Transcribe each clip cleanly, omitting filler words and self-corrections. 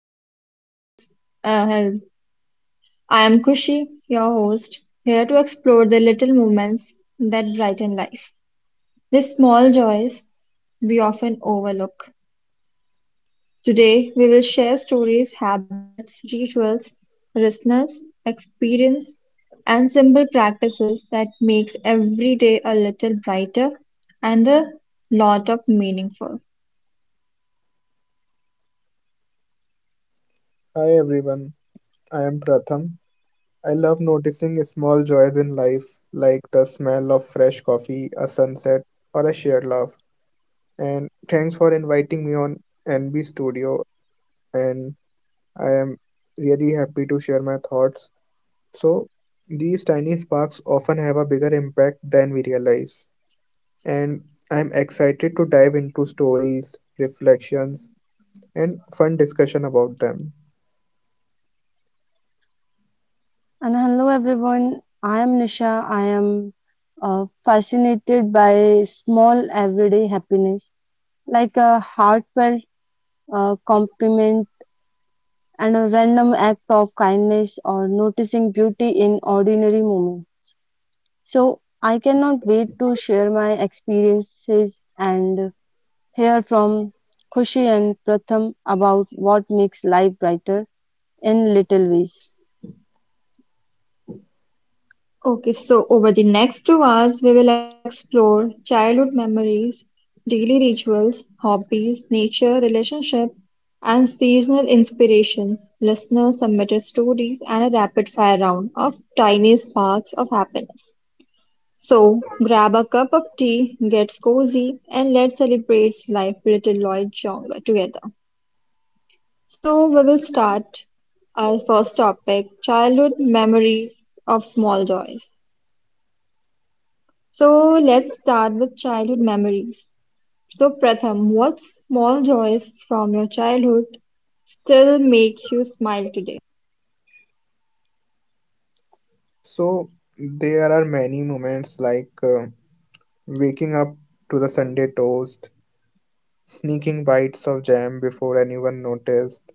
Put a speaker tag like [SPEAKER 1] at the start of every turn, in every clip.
[SPEAKER 1] welcome to the Little S- Health. I am Kushi, your host, here to explore the little moments that brighten life, the small joys we often overlook. Today, we will share stories, habits, rituals, listeners, experience, and simple practices that makes every day a little brighter and a lot of meaningful.
[SPEAKER 2] Hi everyone, I am Pratham. I love noticing small joys in life like the smell of fresh coffee, a sunset, or a shared laugh. And thanks for inviting me on NB Studio, and I am really happy to share my thoughts. So, these tiny sparks often have a bigger impact than we realize. And I am excited to dive into stories, reflections, and fun discussion about them.
[SPEAKER 3] And hello everyone, I am Nisha. I am fascinated by small everyday happiness, like a heartfelt compliment and a random act of kindness or noticing beauty in ordinary moments. So I cannot wait to share my experiences and hear from Khushi and Pratham about what makes life brighter in little ways.
[SPEAKER 1] Okay, so over the next 2 hours, we will explore childhood memories, daily rituals, hobbies, nature, relationships, and seasonal inspirations. Listeners submitted stories and a rapid fire round of tiny sparks of happiness. So grab a cup of tea, get cozy, and let's celebrate life with little Lloyd Jong together. So we will start our first topic, childhood memories of small joys. So let's start with childhood memories. So, Pratham, what small joys from your childhood still make you smile today?
[SPEAKER 2] So, there are many moments like waking up to the Sunday toast, sneaking bites of jam before anyone noticed,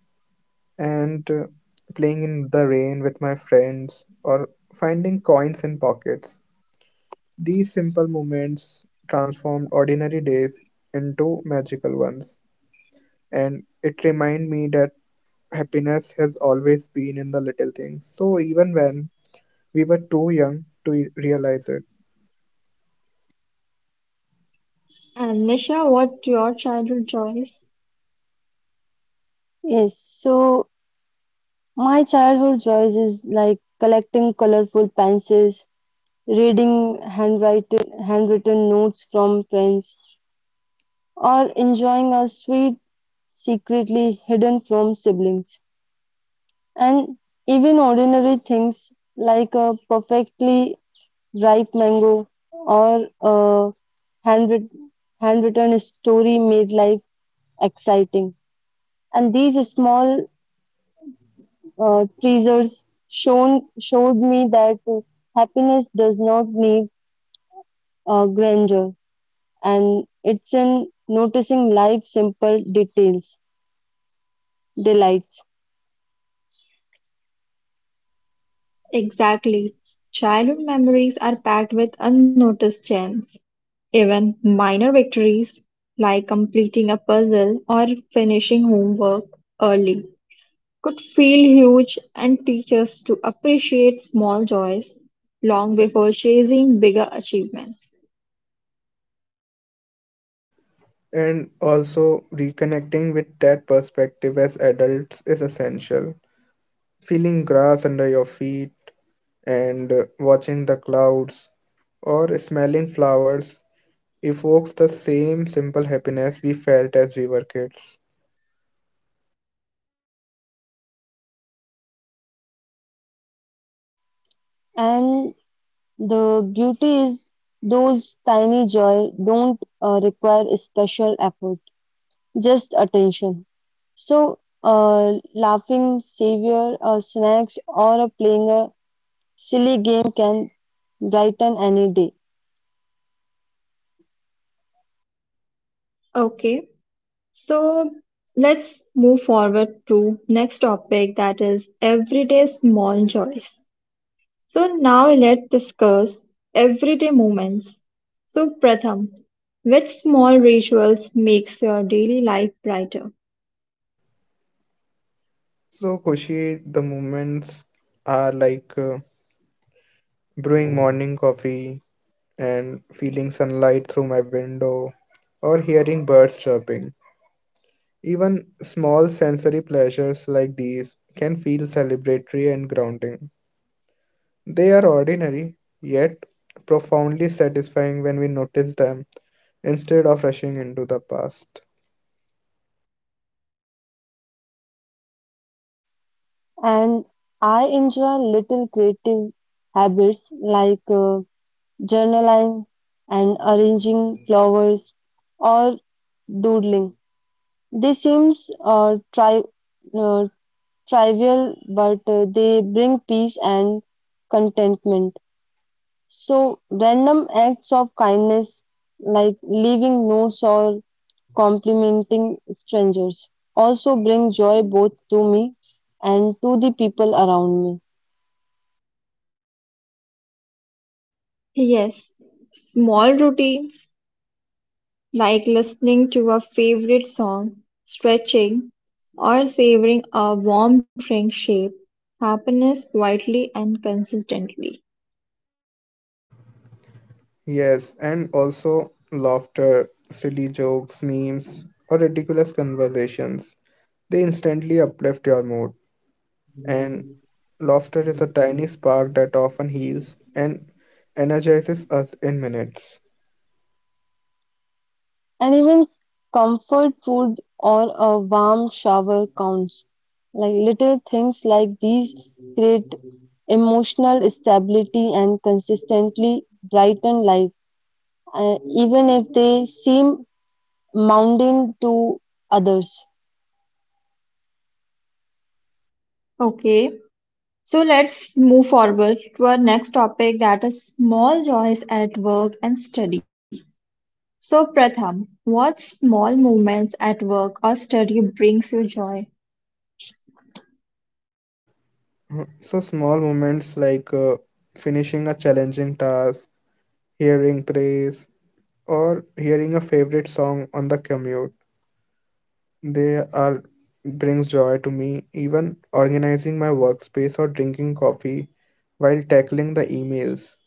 [SPEAKER 2] and playing in the rain with my friends or finding coins in pockets. These simple moments transformed ordinary days into magical ones, and it reminded me that happiness has always been in the little things, so even when we were too young to realize it.
[SPEAKER 1] And Nisha, what your childhood joys?
[SPEAKER 3] Yes, so my childhood joys is like collecting colorful pencils, reading handwritten notes from friends, or enjoying a sweet secretly hidden from siblings. And even ordinary things like a perfectly ripe mango or a handwrit- handwritten story made life exciting. And these small teasers shown showed me that happiness does not need grandeur, and it's in noticing life's simple details, delights,
[SPEAKER 1] Exactly. Childhood memories are packed with unnoticed gems. Even minor victories like completing a puzzle or finishing homework early could feel huge and teach us to appreciate small joys long before chasing bigger achievements.
[SPEAKER 2] And also, reconnecting with that perspective as adults is essential. Feeling grass under your feet and watching the clouds or smelling flowers evokes the same simple happiness we felt as we were kids.
[SPEAKER 3] and the beauty is those tiny joy don't require a special effort, just attention. So, laughing, savior, or snacks, or playing a silly game can brighten any day.
[SPEAKER 1] Okay, so let's move forward to next topic that is everyday small joys. So now let's discuss everyday moments. So Pratham, which small rituals makes your daily life brighter?
[SPEAKER 2] So, Kushi, the moments are like brewing morning coffee and feeling sunlight through my window or hearing birds chirping. Even small sensory pleasures like these can feel celebratory and grounding. They are ordinary, yet profoundly satisfying when we notice them instead of rushing into the past.
[SPEAKER 3] And I enjoy little creative habits like journaling and arranging flowers or doodling. They seems uh, trivial, but they bring peace and contentment. So random acts of kindness like leaving notes or complimenting strangers also bring joy both to me and to the people around me.
[SPEAKER 1] Yes, small routines like listening to a favorite song, stretching, or savoring a warm drink shape happiness quietly and consistently.
[SPEAKER 2] Yes, and also laughter, silly jokes, memes, or ridiculous conversations. They instantly uplift your mood, and laughter is a tiny spark that often heals and energizes us in minutes.
[SPEAKER 3] And even comfort food or a warm shower counts. Like little things like these create emotional stability and consistently brighten life, even if they seem mundane to others.
[SPEAKER 1] Okay, so let's move forward to our next topic that is small joys at work and study. So, Pratham, what small moments at work or study brings you joy?
[SPEAKER 2] Mhm. So small moments like finishing a challenging task, hearing praise, or hearing a favorite song on the commute, they are brings joy to me. Even organizing my workspace or drinking coffee while tackling the emails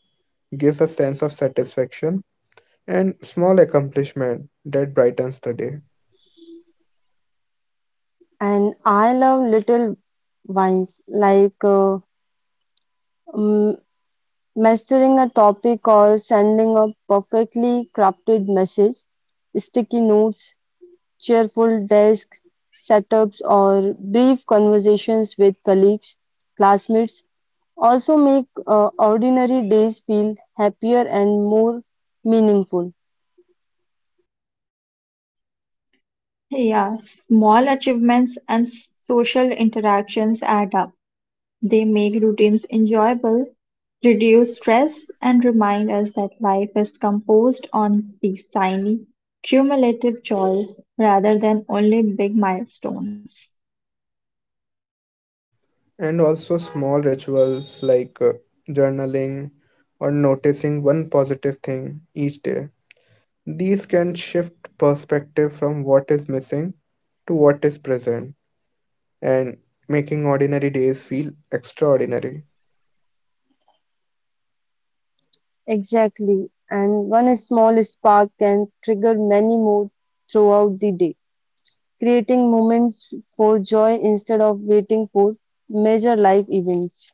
[SPEAKER 2] gives a sense of satisfaction and small accomplishment that brightens the day.
[SPEAKER 3] And I love little wines like mm, mastering a topic or sending a perfectly crafted message, sticky notes, cheerful desk setups or brief conversations with colleagues, classmates also make ordinary days feel happier and more meaningful.
[SPEAKER 1] Yeah, small achievements and social interactions add up. They make routines enjoyable, reduce stress, and remind us that life is composed on these tiny, cumulative joys rather than only big milestones.
[SPEAKER 2] And also small rituals like journaling or noticing one positive thing each day, these can shift perspective from what is missing to what is present and making ordinary days feel extraordinary.
[SPEAKER 3] Exactly. And one small spark can trigger many more throughout the day, creating moments for joy instead of waiting for major life events.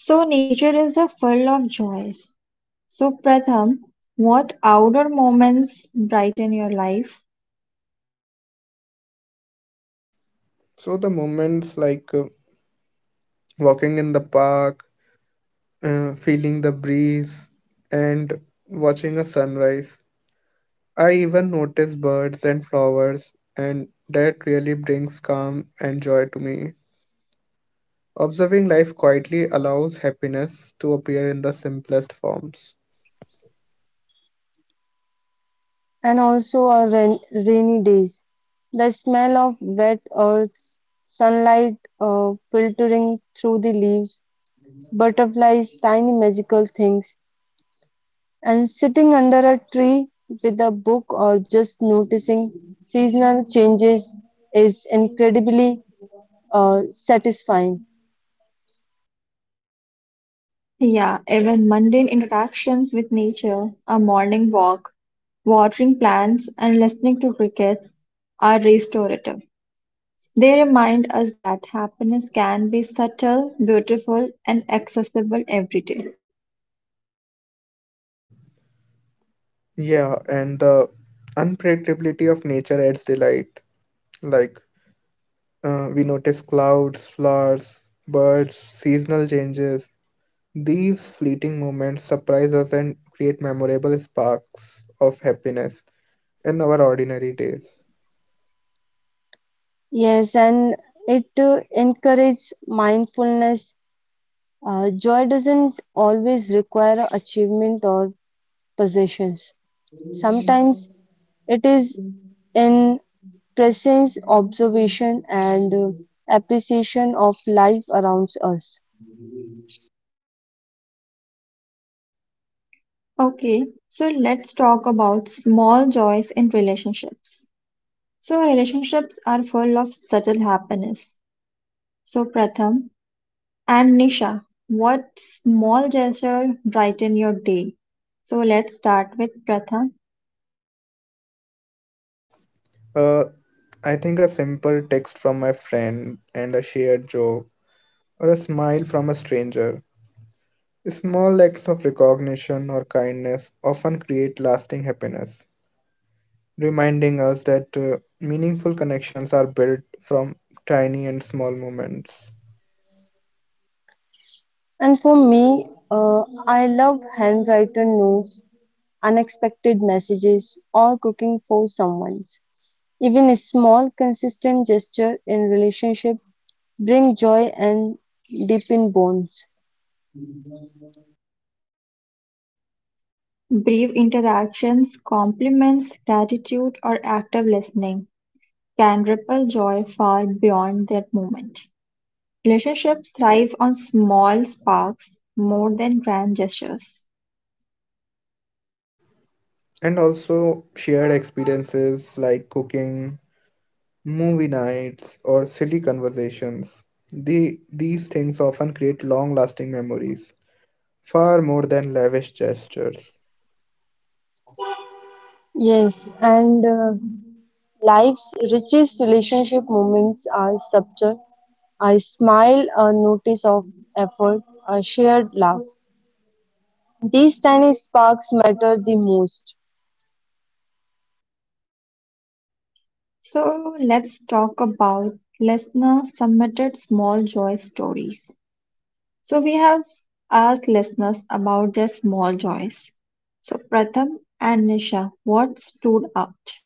[SPEAKER 1] So, nature is a full of joys. So, Pratham, what outdoor moments brighten your life?
[SPEAKER 2] So, the moments like walking in the park, feeling the breeze, and watching a sunrise. I even notice birds and flowers, and that really brings calm and joy to me. Observing life quietly allows happiness to appear in the simplest forms.
[SPEAKER 3] And also our rainy days. The smell of wet earth, sunlight filtering through the leaves, butterflies, tiny magical things, and sitting under a tree with a book or just noticing seasonal changes is incredibly satisfying.
[SPEAKER 1] Yeah, even mundane interactions with nature, a morning walk, watering plants, and listening to crickets are restorative. They remind us that happiness can be subtle, beautiful, and accessible every day.
[SPEAKER 2] Yeah, and the unpredictability of nature adds delight. Like, we notice clouds, flowers, birds, seasonal changes. These fleeting moments surprise us and create memorable sparks of happiness in our ordinary days.
[SPEAKER 3] Yes, and it encourages mindfulness. Joy doesn't always require achievement or possessions. Sometimes it is in presence, observation, and appreciation of life around us.
[SPEAKER 1] Okay, so let's talk about small joys in relationships. So, relationships are full of subtle happiness. So, Pratham and Nisha, what small gesture brighten your day? So, let's start with Pratham.
[SPEAKER 2] Uh, I think a simple text from my friend and a shared joke, or a smile from a stranger. Small acts of recognition or kindness often create lasting happiness, reminding us that meaningful connections are built from tiny and small moments.
[SPEAKER 3] And for me, I love handwritten notes, unexpected messages, or cooking for someone's. Even a small, consistent gesture in relationship bring joy and deepen bonds.
[SPEAKER 1] Brief interactions, compliments, gratitude, or active listening can ripple joy far beyond that moment. Relationships thrive on small sparks more than grand gestures.
[SPEAKER 2] And also shared experiences like cooking, movie nights, or silly conversations. These things often create long lasting memories, far more than lavish gestures.
[SPEAKER 3] Yes, and life's richest relationship moments are subtle. A smile, a notice of effort, a shared laugh. These tiny sparks mattered the most.
[SPEAKER 1] So let's talk about listener submitted small joy stories. So we have asked listeners about their small joys. So Pratham and Nisha, what stood out?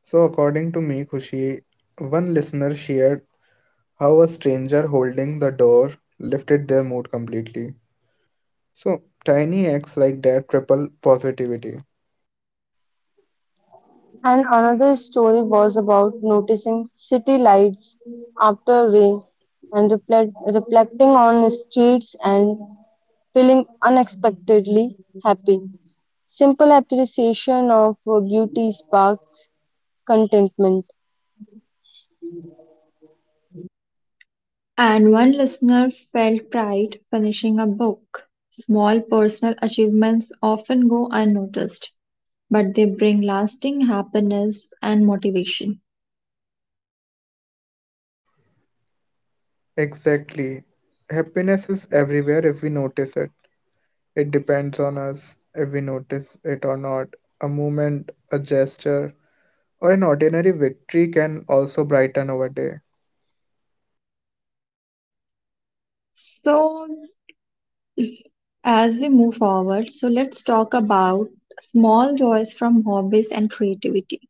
[SPEAKER 2] So, according to me, Kushi, one listener shared how a stranger holding the door lifted their mood completely. So, tiny acts like that triple positivity.
[SPEAKER 3] And another story was about noticing city lights after rain and reflecting on streets and feeling unexpectedly happy. Simple appreciation of beauty sparks contentment.
[SPEAKER 1] And one listener felt pride finishing a book. Small personal achievements often go unnoticed, but they bring lasting happiness and motivation.
[SPEAKER 2] Exactly. Happiness is everywhere if we notice it. It depends on us if we notice it or not. A moment, a gesture, or an ordinary victory can also brighten our day.
[SPEAKER 1] So, as we move forward, so let's talk about small joys from hobbies and creativity.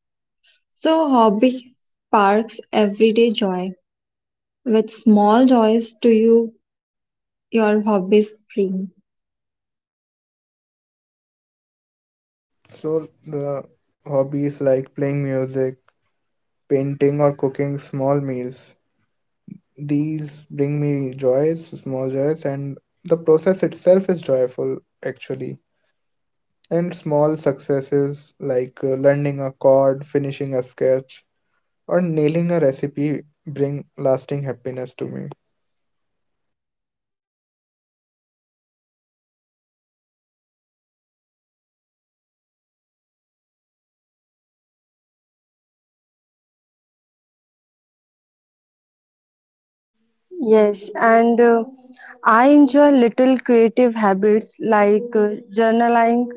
[SPEAKER 1] So, hobby sparks everyday joy. Which small joys do your hobbies bring?
[SPEAKER 2] So, the hobbies like playing music, painting, or cooking small meals, these bring me joys, small joys, and the process itself is joyful actually. And small successes like learning a chord, finishing a sketch, or nailing a recipe bring lasting happiness to me.
[SPEAKER 3] Yes, and I enjoy little creative habits like journaling,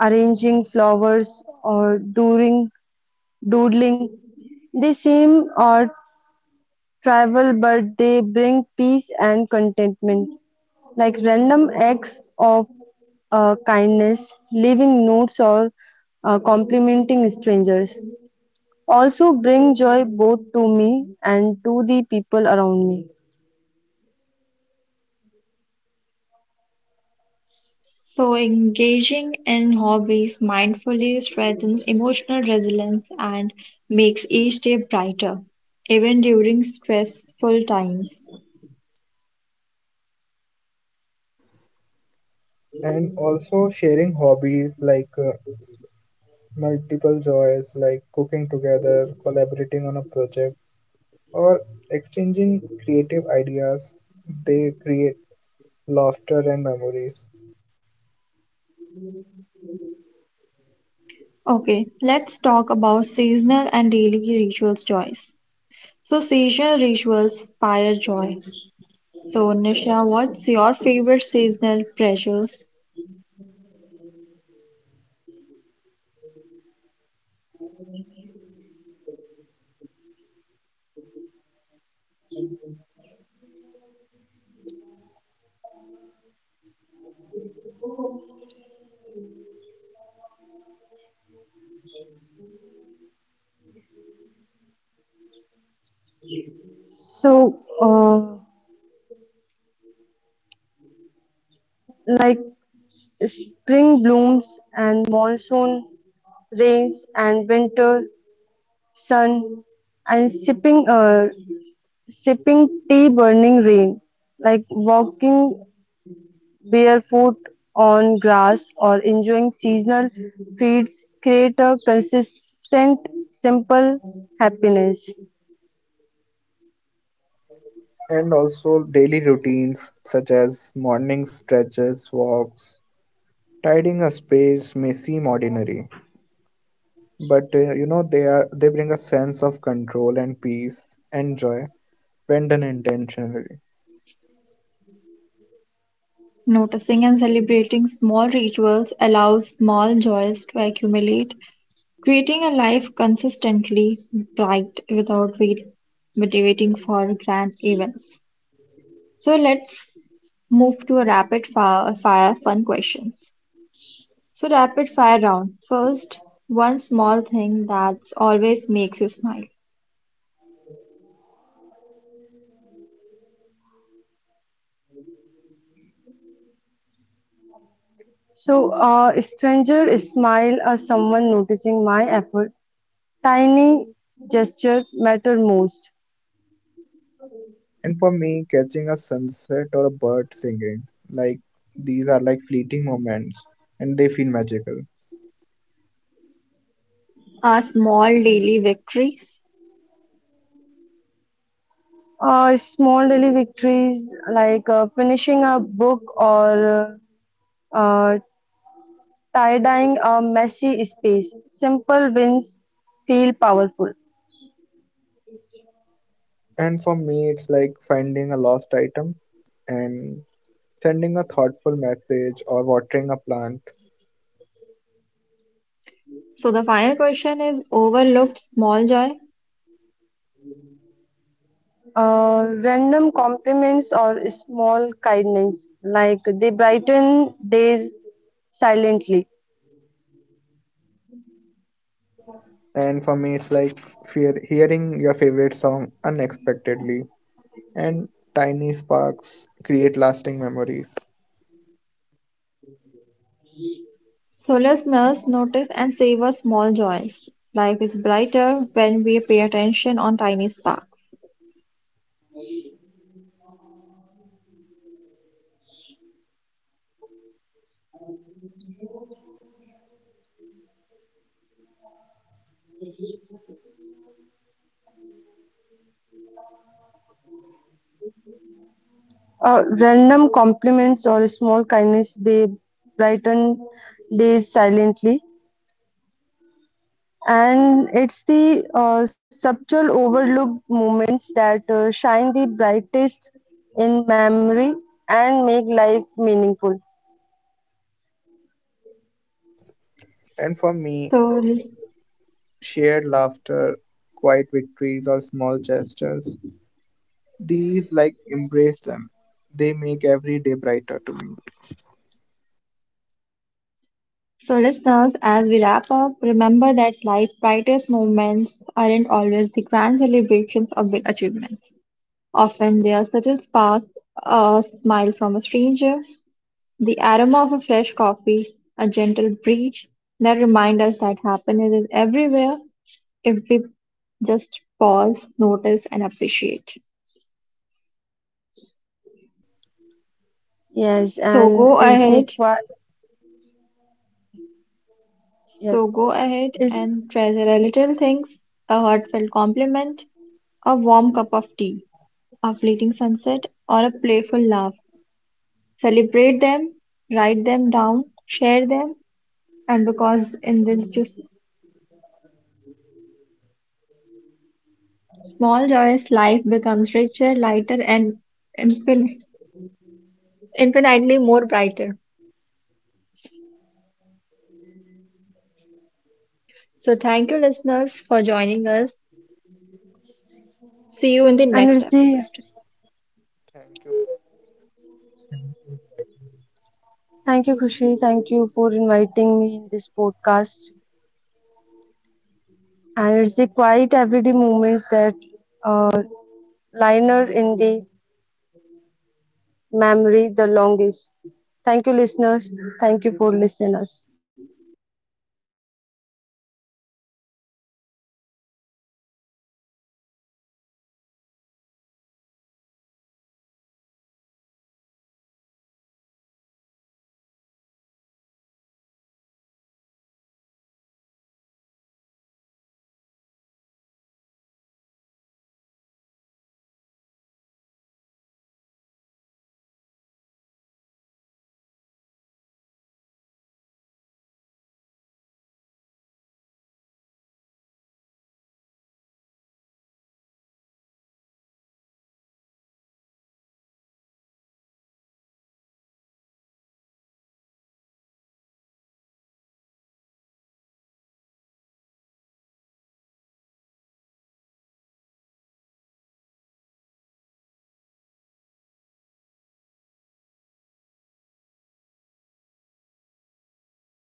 [SPEAKER 3] arranging flowers, or doing doodling. They seem odd, trivial, but they bring peace and contentment, like random acts of kindness, leaving notes, or complimenting strangers. Also, bring joy both to me and to the people around me.
[SPEAKER 1] So, engaging in hobbies mindfully strengthens emotional resilience and makes each day brighter, even during stressful times.
[SPEAKER 2] And also sharing hobbies like multiple joys, like cooking together, collaborating on a project, or exchanging creative ideas, they create laughter and memories.
[SPEAKER 1] Okay, let's talk about seasonal and daily rituals joys. So seasonal rituals inspire joy. So Nisha, what's your favorite seasonal pleasure?
[SPEAKER 3] So, like spring blooms and monsoon rains and winter sun and sipping sipping tea, burning rain, like walking barefoot on grass or enjoying seasonal feeds, create a consistent, simple happiness.
[SPEAKER 2] And also daily routines such as morning stretches, walks, tidying a space may seem ordinary, but they are they bring a sense of control and peace and joy spend intentionally.
[SPEAKER 1] Noticing and celebrating small rituals allows small joys to accumulate, creating a life consistently bright without waiting for grand events. So let's move to a rapid fire fun questions. So rapid fire round. First, one small thing that's always makes you smile.
[SPEAKER 3] So, a stranger smile or someone noticing my effort, tiny gesture matter most.
[SPEAKER 2] And for me, catching a sunset or a bird singing, like these are like fleeting moments and they feel magical.
[SPEAKER 1] Are small daily victories.
[SPEAKER 3] Small daily victories like finishing a book or uh, tie-dyeing a messy space. Simple wins feel powerful.
[SPEAKER 2] And for me, it's like finding a lost item and sending a thoughtful message or watering a plant.
[SPEAKER 1] So the final question is overlooked small joy.
[SPEAKER 3] Random compliments or small kindness, like they brighten days silently.
[SPEAKER 2] And for me, it's like fear, hearing your favorite song unexpectedly. And tiny sparks create lasting memories.
[SPEAKER 1] So listeners, notice and savor small joys. Life is brighter when we pay attention on tiny sparks.
[SPEAKER 3] Random compliments or small kindness, they brighten days silently. And it's the subtle overlooked moments that shine the brightest in memory and make life meaningful.
[SPEAKER 2] And for me,
[SPEAKER 1] So,
[SPEAKER 2] shared laughter, quiet victories, or small gestures, these like embrace them. They make every day brighter to me.
[SPEAKER 1] so listeners, as we wrap up, remember that life's brightest moments aren't always the grand celebrations or big achievements. Often they are subtle sparks, a smile from a stranger, the aroma of a fresh coffee, a gentle breeze that remind us that happiness is everywhere if we just pause, notice, and appreciate.
[SPEAKER 3] Yes,
[SPEAKER 1] So
[SPEAKER 3] and
[SPEAKER 1] go
[SPEAKER 3] it's the
[SPEAKER 1] ahead,
[SPEAKER 3] qua-
[SPEAKER 1] so
[SPEAKER 3] yes,
[SPEAKER 1] go ahead
[SPEAKER 3] it's
[SPEAKER 1] and treasure a little things, a heartfelt compliment, a warm cup of tea, a fleeting sunset, or a playful laugh. Celebrate them, write them down, share them, and because in this just small joyous life becomes richer, lighter, and infin- infinitely more brighter. So, thank you, listeners, for joining us. See you in the
[SPEAKER 3] and
[SPEAKER 1] next
[SPEAKER 3] it's the
[SPEAKER 1] episode.
[SPEAKER 2] Thank you. Thank you.
[SPEAKER 3] Thank you, Khushi. Thank you for inviting me in this podcast. And it's the quiet everyday moments that uh, liner in the memory the longest. Thank you, listeners. Thank you for listeners.